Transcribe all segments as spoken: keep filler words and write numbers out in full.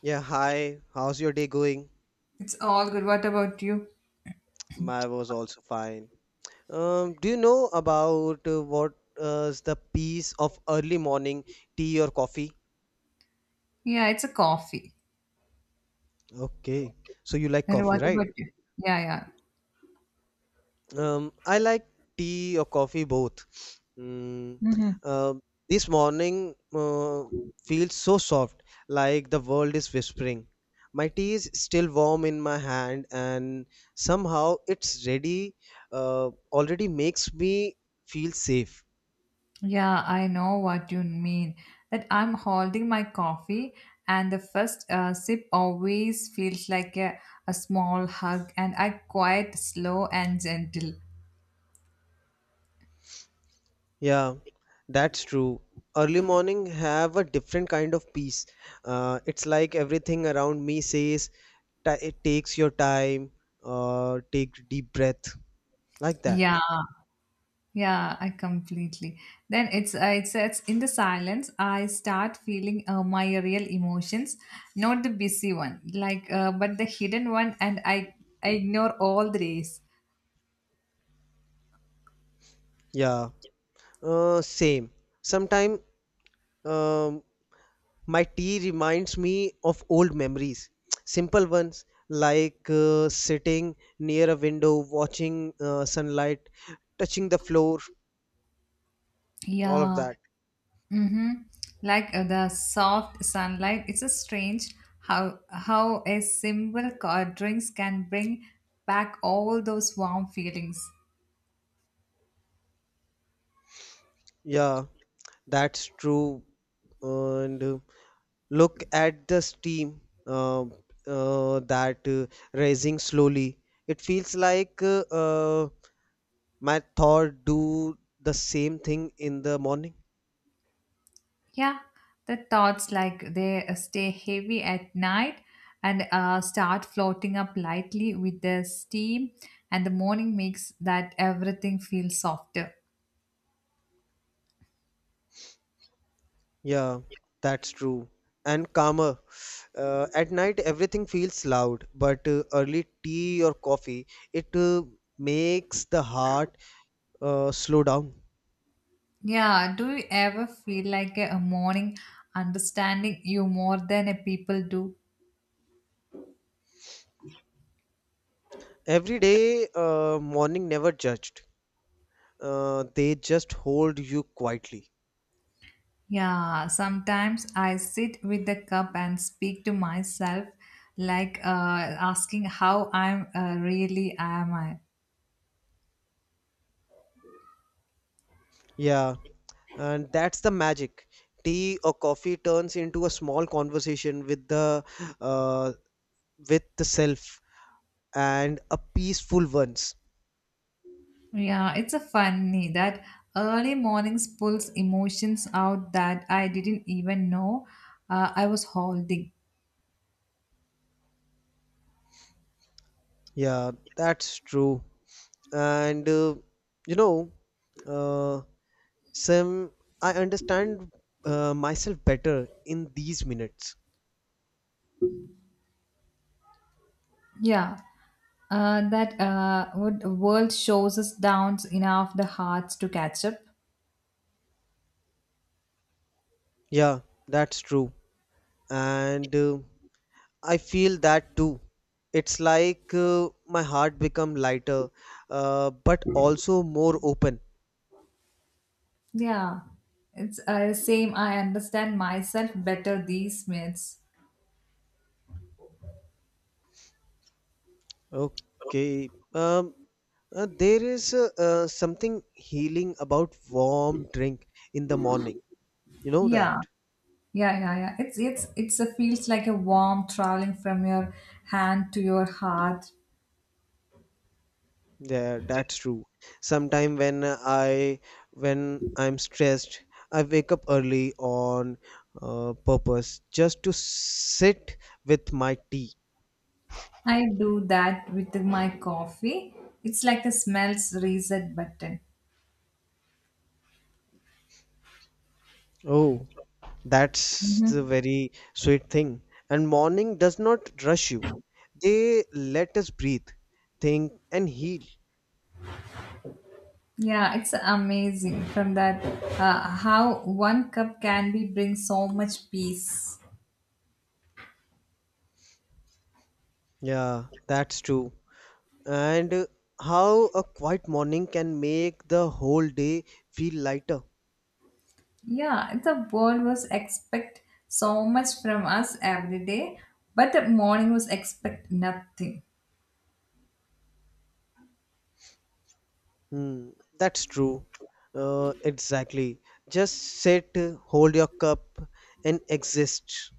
Yeah, hi. How's your day going? It's all good. What about you? My was also fine. Um, do you know about uh, what uh, is the piece of early morning tea or coffee? Yeah, it's a coffee. Okay, so you like And coffee, what right? about you? Yeah, yeah. Um, I like tea or coffee both. Mm, hmm uh, this morning uh, feels so soft, like the world is whispering. My tea is still warm in my hand, and somehow it's ready, uh, already makes me feel safe. Yeah, I know what you mean. That I'm holding my coffee, and the first uh, sip always feels like a, a small hug, and I quite slow and gentle. Yeah, that's true. Early morning have a different kind of peace. Uh, it's like everything around me says, "Ta- it takes your time, or take deep breath. Like that. Yeah, yeah, I completely. Then it's uh, it says in the silence, I start feeling uh, my real emotions, not the busy one, like uh, but the hidden one, and I I ignore all the rays. Yeah, uh, same. Sometimes um, my tea reminds me of old memories, simple ones like uh, sitting near a window, watching uh, sunlight touching the floor, all of Yeah. that. Mm-hmm. Like uh, the soft sunlight. It's a strange how how a simple co- drinks can bring back all those warm feelings. Yeah, that's true. And uh, look at the steam, uh, uh, that uh, rising slowly. It feels like uh, uh, my Thor do the same thing in the morning. Yeah, the thoughts like they uh, stay heavy at night and uh, start floating up lightly with the steam, and the morning makes that everything feel softer. Yeah, that's true. And calmer. Uh, at night, everything feels loud, but uh, early tea or coffee, it uh, makes the heart uh, slow down. Yeah, do you ever feel like a, a morning understanding you more than a people do? Every day, uh, morning never judged. Uh, they just hold you quietly. Yeah, sometimes I sit with the cup and speak to myself, like uh, asking how I'm uh, really am I. Yeah, and that's the magic. Tea or coffee turns into a small conversation with the uh, with the self, and a peaceful ones. Yeah, it's a funny that early mornings pulls emotions out that I didn't even know uh, I was holding. Yeah, that's true. And uh, you know, uh, Sam, I understand uh, myself better in these minutes. Yeah, uh, that uh, what the world shows us downs enough the hearts to catch up. Yeah, that's true. And uh, I feel that too. It's like uh, my heart become lighter, uh, but also more open. Yeah, it's uh, same. I understand myself better these minutes. Okay. Um, uh, there is uh, uh, something healing about warm drink in the morning. You know that? Yeah, yeah, yeah, yeah. It's it's it's a feels like a warm traveling from your hand to your heart. Yeah, that's true. Sometime when I, when I'm stressed, I wake up early on uh, purpose just to sit with my tea. I do that with my coffee. It's like a smells reset button. Oh, that's the Mhm. very sweet thing. And morning does not rush you. They let us breathe, think, and heal. Yeah, it's amazing from that uh, how one cup can be bring so much peace. Yeah, that's true. And uh, how a quiet morning can make the whole day feel lighter. Yeah, the world was expect so much from us every day, but the morning was expect nothing. Hmm, that's true. Uh, exactly. Just sit, hold your cup, and exist.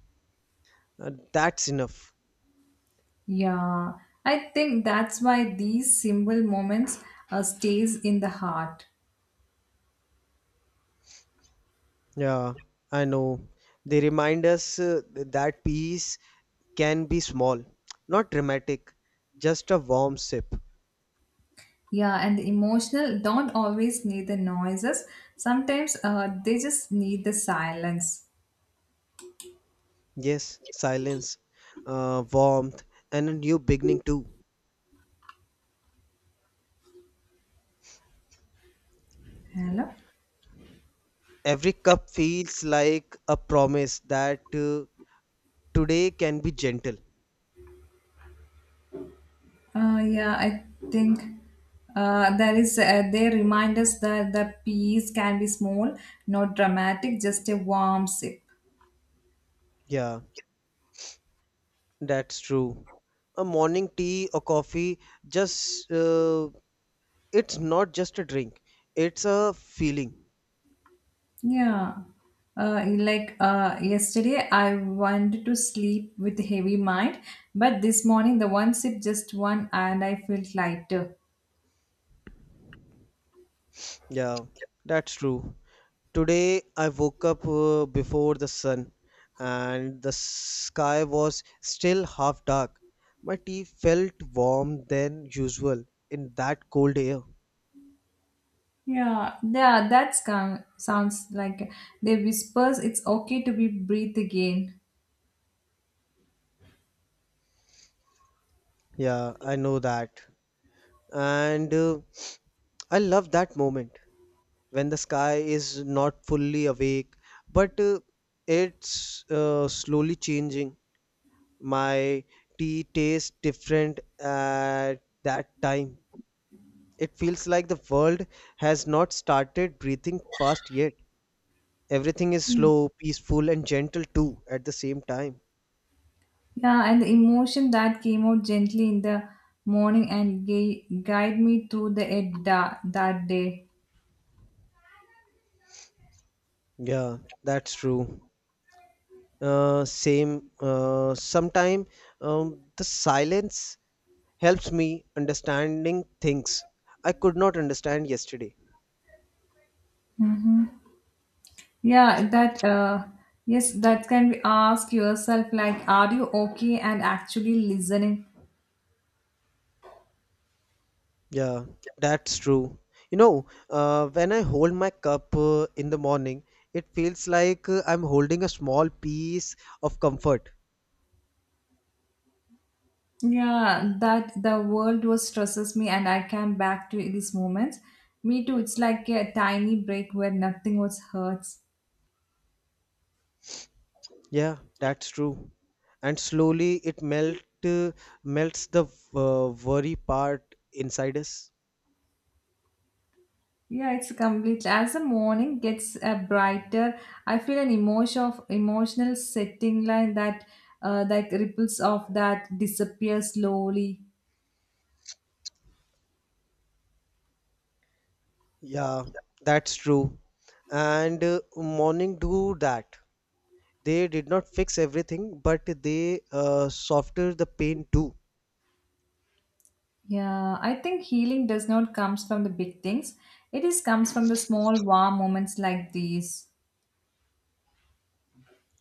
Uh, that's enough. Yeah, I think that's why these simple moments uh, stays in the heart. Yeah, I know. They remind us uh, that peace can be small, not dramatic, just a warm sip. Yeah, and the emotional don't always need the noises. Sometimes uh, they just need the silence. Yes, silence, uh, warmth, and a new beginning too. Hello? Every cup feels like a promise that uh, today can be gentle. Uh, yeah, I think uh, there is. Uh, they remind us that the peace can be small, not dramatic, just a warm sip. Yeah. That's true. A morning tea or coffee just uh, it's not just a drink. It's a feeling. Yeah. Uh, like uh, yesterday, I wanted to sleep with a heavy mind, but this morning the one sip, just one, and I felt lighter. Yeah, that's true. Today I woke up uh, before the sun and the sky was still half dark. My tea felt warm than usual in that cold air. Yeah, yeah, that sound, sounds like they whispers it's okay to be breathe again. Yeah, I know that. And uh, I love that moment when the sky is not fully awake, but uh, it's uh, slowly changing. My tea tastes different at that time. It feels like the world has not started breathing fast yet. Everything is slow, peaceful and gentle too at the same time. Yeah, and the emotion that came out gently in the morning and gay, guide me through the ed da, that day. Yeah, that's true. Uh, same. Uh, sometime um, the silence helps me understanding things I could not understand yesterday. Yeah, that uh, yes, that can be ask yourself like, are you okay and actually listening? Yeah, that's true. You know, uh, when I hold my cup uh, in the morning, it feels like uh, I'm holding a small piece of comfort. Yeah, that the world was stresses me and I came back to these moments. Me too. It's like a tiny break where nothing was hurts. Yeah, that's true. And slowly it melt, uh, melts the uh, worry part inside us. Yeah, it's completely. As the morning gets uh, brighter, I feel an emotion of emotional setting line that uh, like ripples of that disappear slowly. Yeah, that's true. And uh, morning do that. They did not fix everything, but they uh, softer the pain too. Yeah, I think healing does not comes from the big things. It is comes from the small warm moments like these.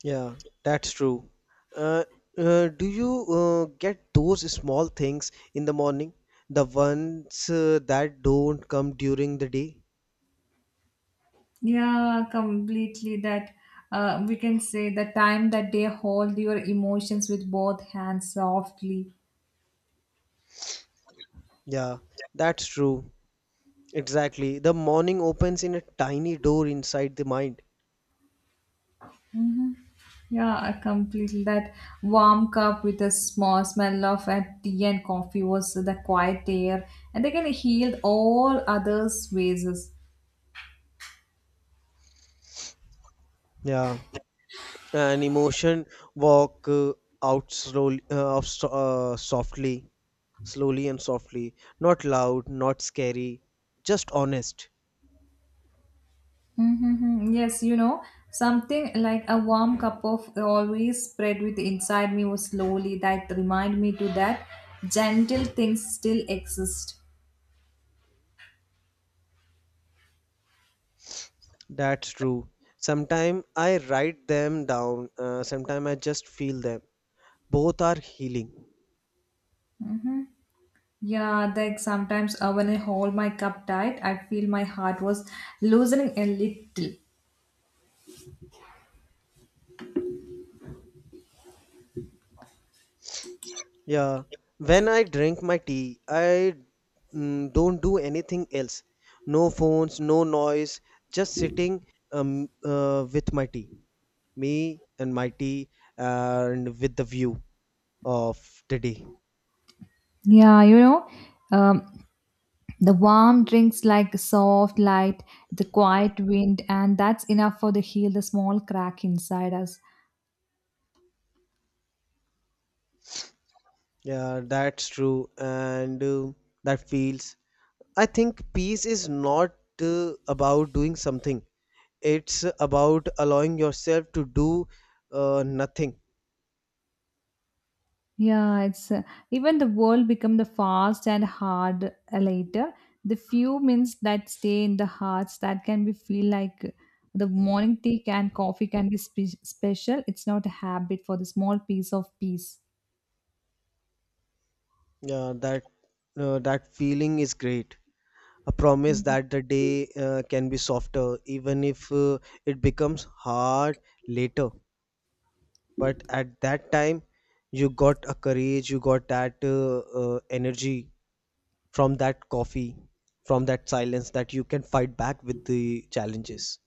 Yeah, that's true. Uh, uh, do you uh, get those small things in the morning? The ones uh, that don't come during the day? Yeah, completely. That uh, we can say the time that they hold your emotions with both hands softly. Yeah, that's true. Exactly. The morning opens in a tiny door inside the mind. Yeah, I completely. That warm cup with a small smell of uh, tea and coffee was the quiet air, and they can heal all others' vases. Yeah, an emotion walk uh, out slowly, uh, of so- uh, softly, slowly and softly. Not loud, not scary, just honest. Mm-hmm. Yes, you know, something like a warm cup of always spread with inside me was slowly that remind me to that gentle things still exist. That's true. Sometimes I write them down, uh, sometimes I just feel them. Both are healing. Yeah, like sometimes uh, when I hold my cup tight, I feel my heart was loosening a little. Yeah. When I drink my tea, I mm, don't do anything else. No phones, no noise, just sitting um, uh, with my tea. Me and my tea, and with the view of the day. Yeah, you know. Um, The warm drinks like soft light, the quiet wind, and that's enough for the heal the small crack inside us. Yeah, that's true. And uh, that feels I think peace is not uh, about doing something. It's about allowing yourself to do uh, nothing. Yeah, it's uh, even the world become the fast and hard uh, later. The few minutes that stay in the hearts that can be feel like the morning tea and coffee can be spe- special. It's not a habit for the small piece of peace. Uh, that uh, that feeling is great. A promise that the day uh, can be softer, even if uh, it becomes hard later. But at that time, you got a courage. You got that uh, uh, energy from that coffee, from that silence, that you can fight back with the challenges.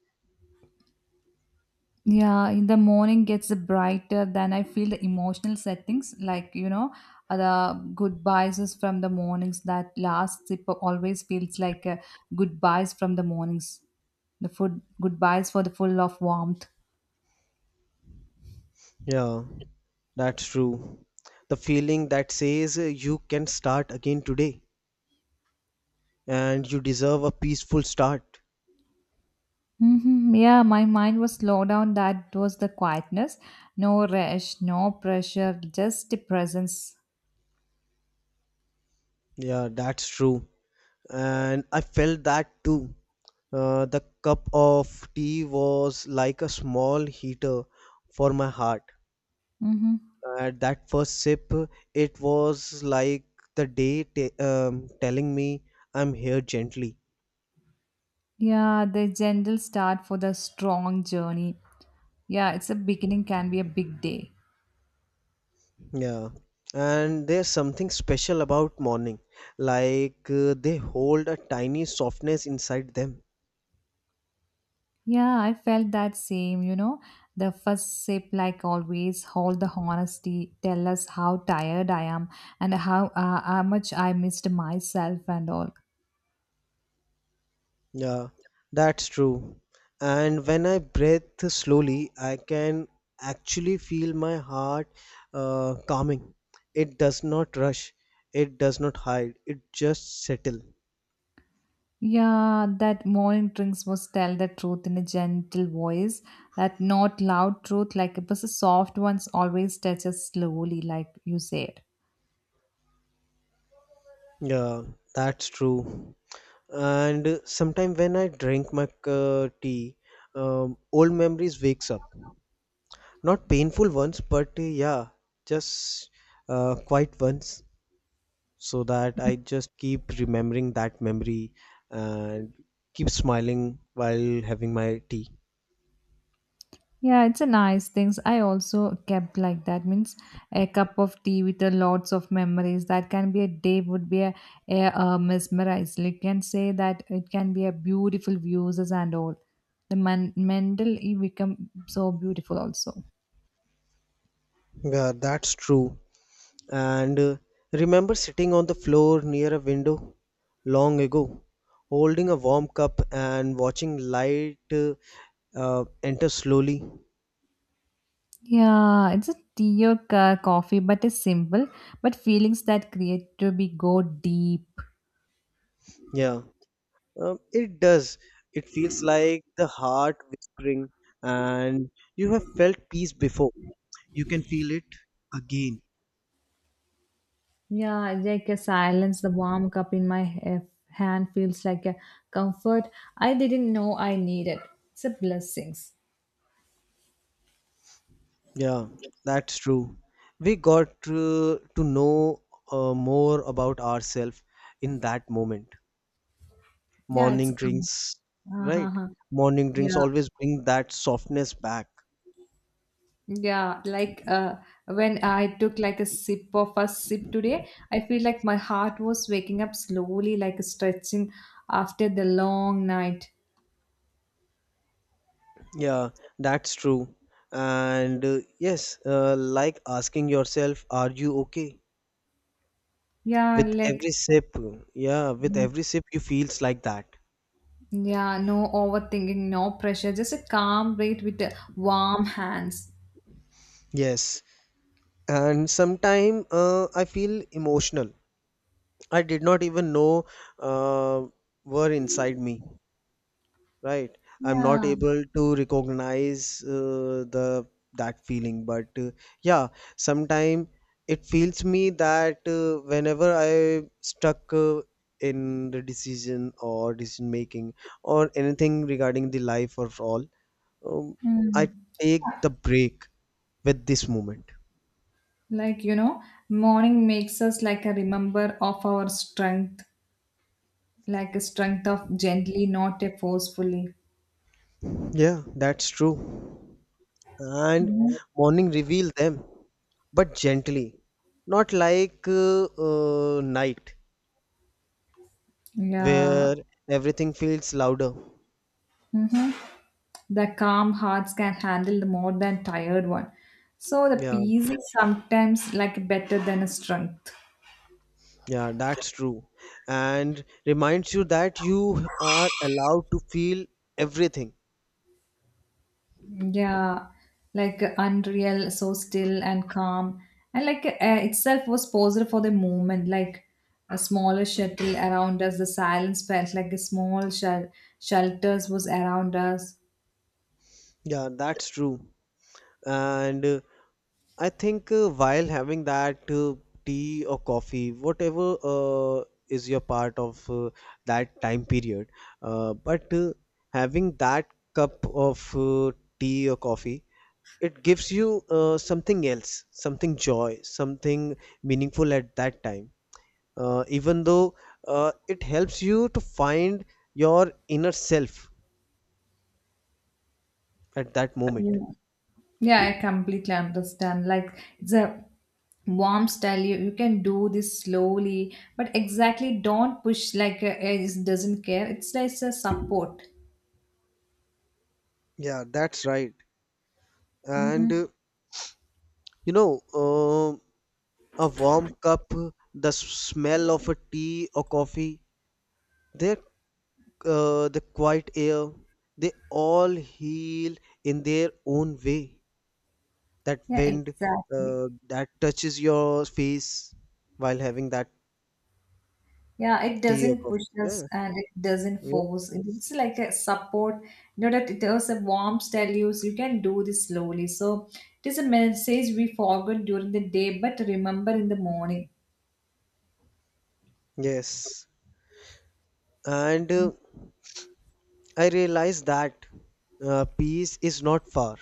Yeah, in the morning gets brighter. Then I feel the emotional settings, like you know, uh, the goodbyes is from the mornings. That last sip always feels like uh, goodbyes from the mornings. The food goodbyes for the full of warmth. Yeah, that's true. The feeling that says uh, you can start again today and you deserve a peaceful start. hmm Yeah, my mind was slowed down. That was the quietness. No rush, no pressure, just the presence. Yeah, that's true. And I felt that too. Uh, the cup of tea was like a small heater for my heart. hmm At that first sip, it was like the day t- um, telling me I'm here gently. Yeah, the gentle start for the strong journey. Yeah, it's a beginning can be a big day. Yeah, and there's something special about morning, like uh, they hold a tiny softness inside them. Yeah, I felt that same, you know. The first sip, like always, hold the honesty, tell us how tired I am and how, uh, how much I missed myself and all. Yeah, that's true. And when I breathe slowly, I can actually feel my heart uh, calming. It does not rush, it does not hide, it just settle. Yeah, that morning drinks was tell the truth in a gentle voice, that not loud truth, like it was a soft ones, always touches slowly, like you said. Yeah, that's true. And uh, sometime when I drink my uh, tea, um, old memories wakes up. Not painful ones, but uh, yeah, just uh, quiet ones, so that I just keep remembering that memory and keep smiling while having my tea. Yeah, it's a nice things. I also kept like that means a cup of tea with a lots of memories. That can be a day would be a, a uh, mesmerized. You can say that it can be a beautiful views and all. The man, mental you become so beautiful also. Yeah, that's true. And uh, remember sitting on the floor near a window long ago, holding a warm cup and watching light uh, uh, enter slowly. Yeah, it's a tea or ca- coffee, but it's simple. But feelings that create to be go deep. Yeah. Um, it does. It feels like the heart whispering, and you have felt peace before. You can feel it again. Yeah, like a silence, the warm cup in my h- hand feels like a comfort I didn't know I needed. It's a blessings. Yeah, that's true. We got uh, to know uh, more about ourselves in that moment. Yeah, it's a Morning comfort. drinks, right? Uh-huh. Morning drinks Yeah. always bring that softness back. Yeah, like uh, when I took like a sip of a sip today, I feel like my heart was waking up slowly, like stretching after the long night. Yeah, that's true. And uh, yes, uh, like asking yourself, are you okay? Yeah, With like every sip, yeah, with every sip you feels like that. yeah, no overthinking, no pressure, just a calm breath with the warm hands. Yes, and sometime uh, I feel emotional. I did not even know uh, were inside me, right? I'm not Yeah. able to recognize uh, the that feeling, but uh, yeah, sometime it feels me that uh, whenever I stuck uh, in the decision or decision making or anything regarding the life or all, um, Mm. I take the break with this moment. Like you know morning makes us like a remember of our strength, like a strength of gently, not a forcefully. Yeah, that's true. And Mhm. morning reveal them, but gently, not like uh, uh, night, Yeah. where everything feels louder. hmm the calm hearts can handle the more than tired one, so the Yeah, peace is sometimes like better than a strength. yeah, that's true. And reminds you that you are allowed to feel everything. Yeah, like uh, unreal, so still and calm, and like uh, itself was posed for the moment, like a smaller shuttle around us. The silence felt like a small shel shelters was around us. Yeah, that's true. And uh, I think uh, while having that uh, tea or coffee, whatever uh, is your part of uh, that time period, uh, but uh, having that cup of uh, tea or coffee, it gives you uh, something else, something joy, something meaningful at that time. Uh, even though uh, it helps you to find your inner self at that Yeah. moment. Yeah, I completely understand. Like it's a warm style. You, you can do this slowly, but exactly don't push like uh, it doesn't care. It's like a support. Yeah, that's right. And Mm-hmm. uh, you know, uh, a warm cup, the smell of a tea or coffee, their uh, the quiet air, they all heal in their own way. That Yeah, wind uh, exactly. that touches your face while having that Yeah, it tea or doesn't coffee. push us Yeah, and it doesn't yeah. force. It's like a support. You know that it has a warmth tell you so you can do this slowly. So it is a message we forgot during the day, but remember in the morning. Yes, and uh, I realize that uh, peace is not far.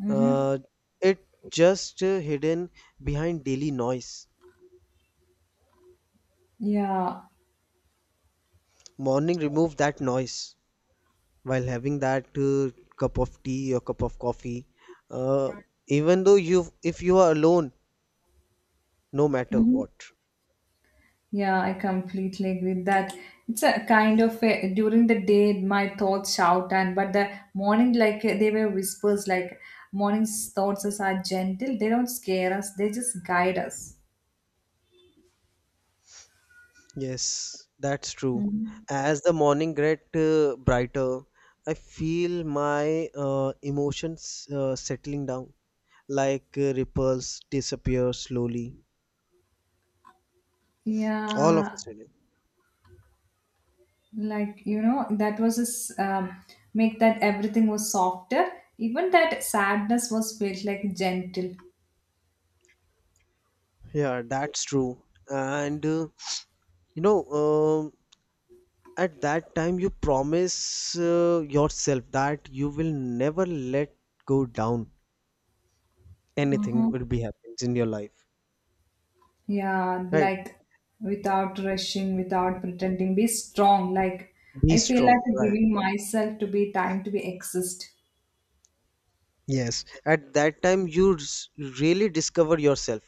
Mm-hmm. Uh, it just uh, hidden behind daily noise. Yeah. Morning remove that noise while having that uh, cup of tea or cup of coffee, uh, even though you, if you are alone, no matter Mm-hmm. what. Yeah, I completely agree with that. It's a kind of a, during the day my thoughts shout and but the morning like uh, they were whispers like morning's thoughts are gentle. They don't scare us. They just guide us. Yes, that's true. Mhm. As the morning get uh, brighter, I feel my uh, emotions uh, settling down, like uh, ripples disappear slowly, all of a Yeah, sudden. like you know that was his um, make that everything was softer, even that sadness was felt like gentle. Yeah, that's true. And uh, you know, um at that time you promise uh, yourself that you will never let go down, anything Mm-hmm. will be happens in your life, Yeah, right? like without rushing, without pretending be strong, like Be I feel strong, like right? giving myself to be time to be exist. Yes, at that time you s- really discover yourself,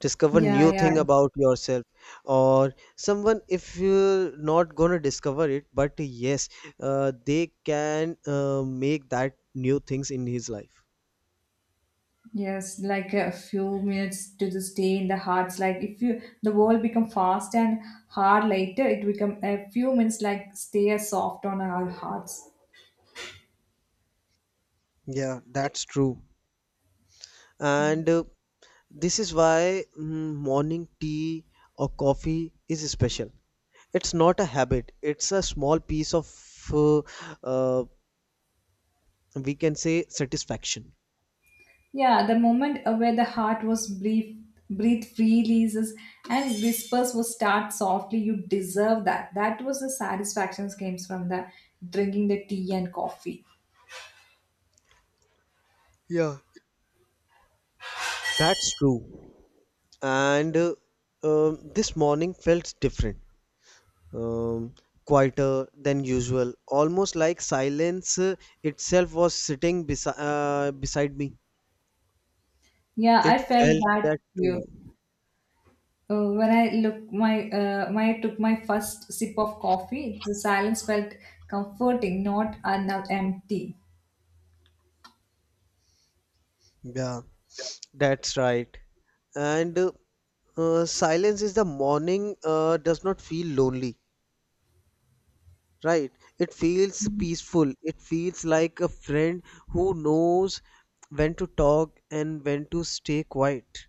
discover new Yeah, yeah. thing about yourself. Or someone, if you're not gonna discover it, but yes, uh, they can uh, make that new things in his life. Yes, like a few minutes to the stay in the hearts, like if you the world become fast and hard later, it become a few minutes like stay soft on our hearts. Yeah, that's true. And uh, this is why mm, morning tea or coffee is special. It's not a habit, it's a small piece of, uh, uh, we can say, satisfaction. Yeah, the moment uh, where the heart was breathe, breathe freely is, and whispers will start softly. You deserve that. That was the satisfaction comes from the drinking the tea and coffee. Yeah. That's true. And uh, um, this morning felt different, um, quieter than usual, almost like silence uh, itself was sitting besi- uh, beside me. Yeah, It I felt felt that that too. too. Uh, when I look my uh, when I took my first sip of coffee, the silence felt comforting, not uh, not empty. Yeah, that's right. And uh, uh, silence is the morning uh, does not feel lonely, right? It feels peaceful. It feels like a friend who knows when to talk and when to stay quiet.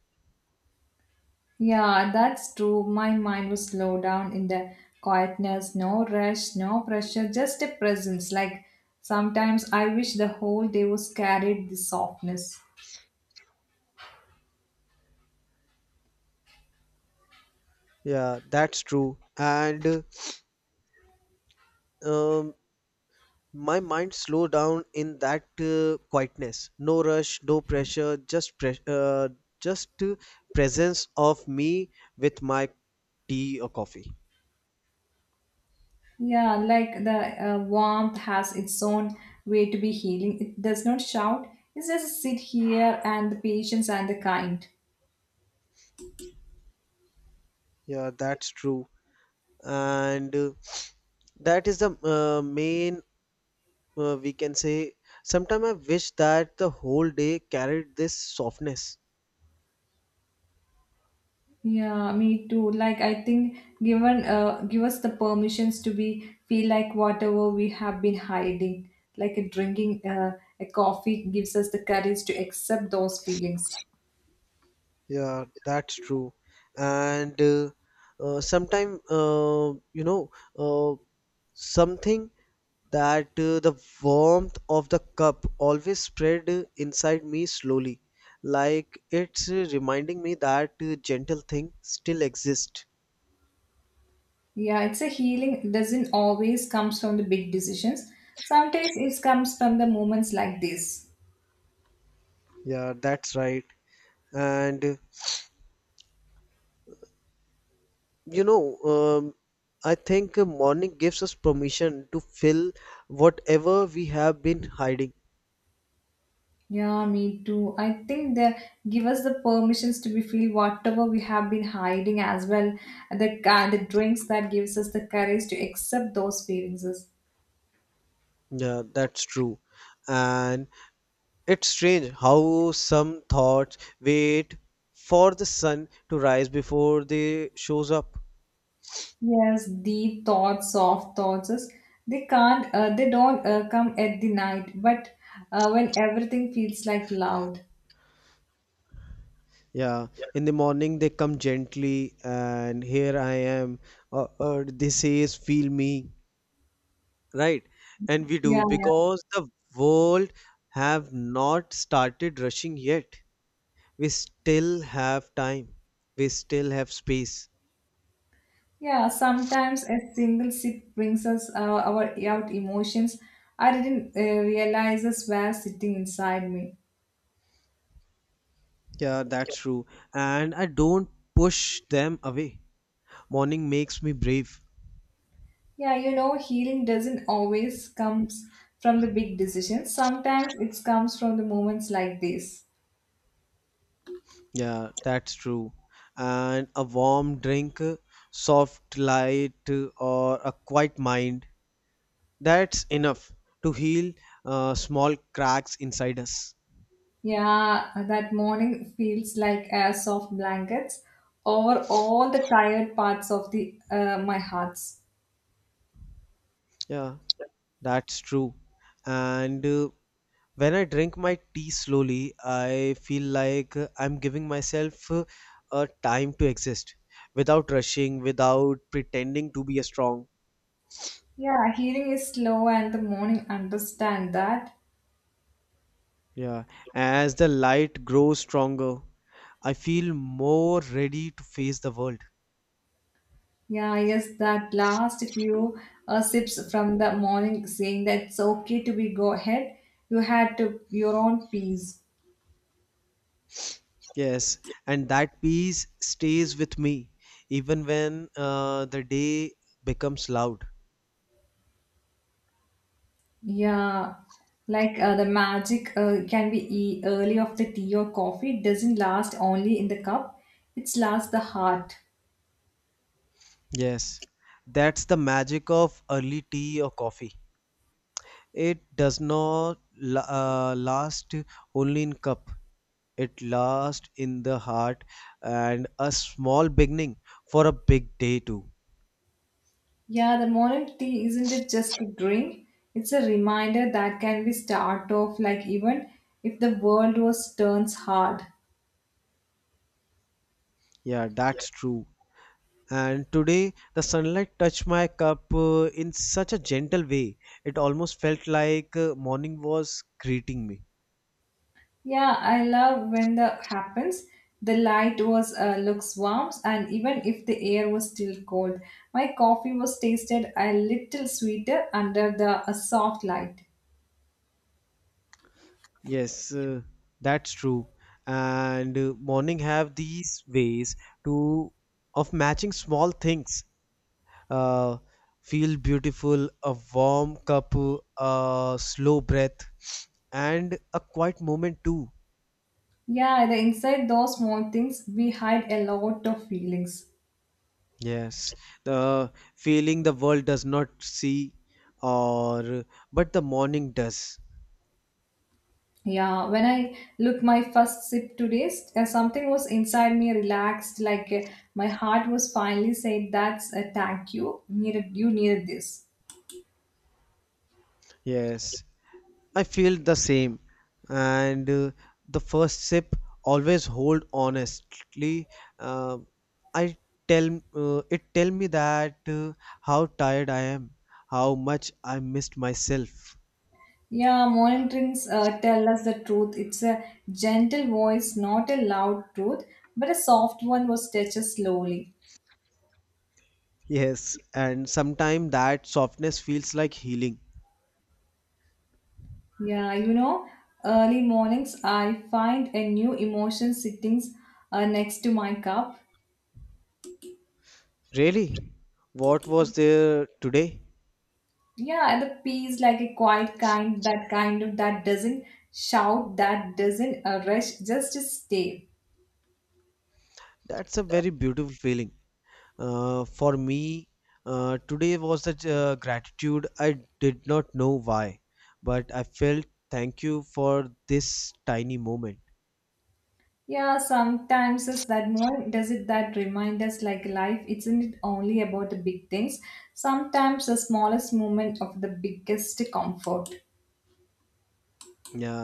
Yeah, that's true. My mind was slowed down in the quietness, no rush, no pressure, just a presence. Like sometimes I wish the whole day was carried this softness. Yeah, that's true. And uh, um, my mind slow down in that uh, quietness. No rush, no pressure, just pres uh, just uh, presence of me with my tea or coffee. Yeah, like the uh, warmth has its own way to be healing. It does not shout. It just sit here and the patience and the kind. Yeah, that's true. And uh, that is the uh, main, uh, we can say, sometimes I wish that the whole day carried this softness. Yeah, me too. Like I think given uh give us the permissions to be feel like whatever we have been hiding, like a drinking uh, a coffee gives us the courage to accept those feelings. Yeah, that's true. And uh, uh, sometimes, uh, you know, uh, something that uh, the warmth of the cup always spread uh, inside me slowly. Like it's uh, reminding me that uh, gentle thing still exist. Yeah, it's a healing doesn't always comes from the big decisions. Sometimes it comes from the moments like this. Yeah, that's right. And you know, um, I think morning gives us permission to fill whatever we have been hiding. Yeah, me too. I think they give us the permissions to be feel whatever we have been hiding as well. The ca- the drinks that gives us the courage to accept those feelings. Yeah, that's true. And it's strange how some thoughts wait for the sun to rise before they shows up. Yes, deep thoughts, soft thoughts. is- They can't, uh, they don't uh, come at the night, but uh, when everything feels like loud. Yeah, in the morning they come gently, and here I am. Or, or they says, "Feel me." Right, and we Yeah, do, yeah. because the world have not started rushing yet. We still have time, we still have space. Yeah, sometimes a single sip brings us uh, our out emotions. I didn't uh, realize us were sitting inside me. Yeah, that's true. And I don't push them away. Morning makes me brave. Yeah, you know, healing doesn't always comes from the big decisions. Sometimes it comes from the moments like this. Yeah, that's true. And a warm drink, soft light or a quiet mind, that's enough to heal uh, small cracks inside us. Yeah, that morning feels like a soft blankets over all the tired parts of the uh, my hearts. Yeah. That's true. And uh, when I drink my tea slowly, I feel like uh, I'm giving myself uh, a time to exist without rushing, without pretending to be a strong. Yeah, healing is slow, and the morning understand that. Yeah. As the light grows stronger, I feel more ready to face the world. Yeah, yes, that last few uh, sips from the morning saying that it's okay to be go ahead. You had to your own peace. Yes. And that peace stays with me even when uh, the day becomes loud. Yeah, like uh, the magic uh, can be e- early of the tea or coffee. It doesn't last only in the cup. It lasts the heart. Yes. That's the magic of early tea or coffee. It does not la- uh, last only in cup. It lasts in the heart, and a small beginning for a big day too. Yeah, the morning tea isn't it just a drink? It's a reminder that can be start off like even if the world was turns hard. Yeah, that's true. And today the sunlight touched my cup uh, in such a gentle way. It almost felt like uh, morning was greeting me. Yeah, I love when that happens. The light was uh, looks warm, and even if the air was still cold, my coffee was tasted a little sweeter under the a soft light. Yes, uh, that's true. And uh, morning have these ways to of matching small things uh, feel beautiful, a warm cup, a slow breath, and a quiet moment too. Yeah, the inside those small things we hide a lot of feelings. Yes, the feeling the world does not see, or but the morning does. Yeah, when I look my first sip today, s- uh, something was inside me relaxed, like uh, my heart was finally saying, "That's a thank you. Needed you needed this." Yes, I feel the same, and uh, the first sip always hold honestly. Uh, I tell uh, It tell me that uh, how tired I am, how much I missed myself. Yeah, morning drinks uh, tell us the truth. It's a gentle voice, not a loud truth, but a soft one was touched slowly. Yes, and sometimes that softness feels like healing. Yeah, you know, early mornings I find a new emotion sitting uh, next to my cup. Really? What was there today? Yeah, and the peace like a quiet kind, that kind of that doesn't shout, that doesn't uh, rush, just to stay. That's a very beautiful feeling. Uh, for me, uh, today was the uh, gratitude. I did not know why, but I felt thank you for this tiny moment. Yeah, sometimes is that more does it that remind us like life isn't it only about the big things? Sometimes the smallest moment of the biggest comfort. Yeah,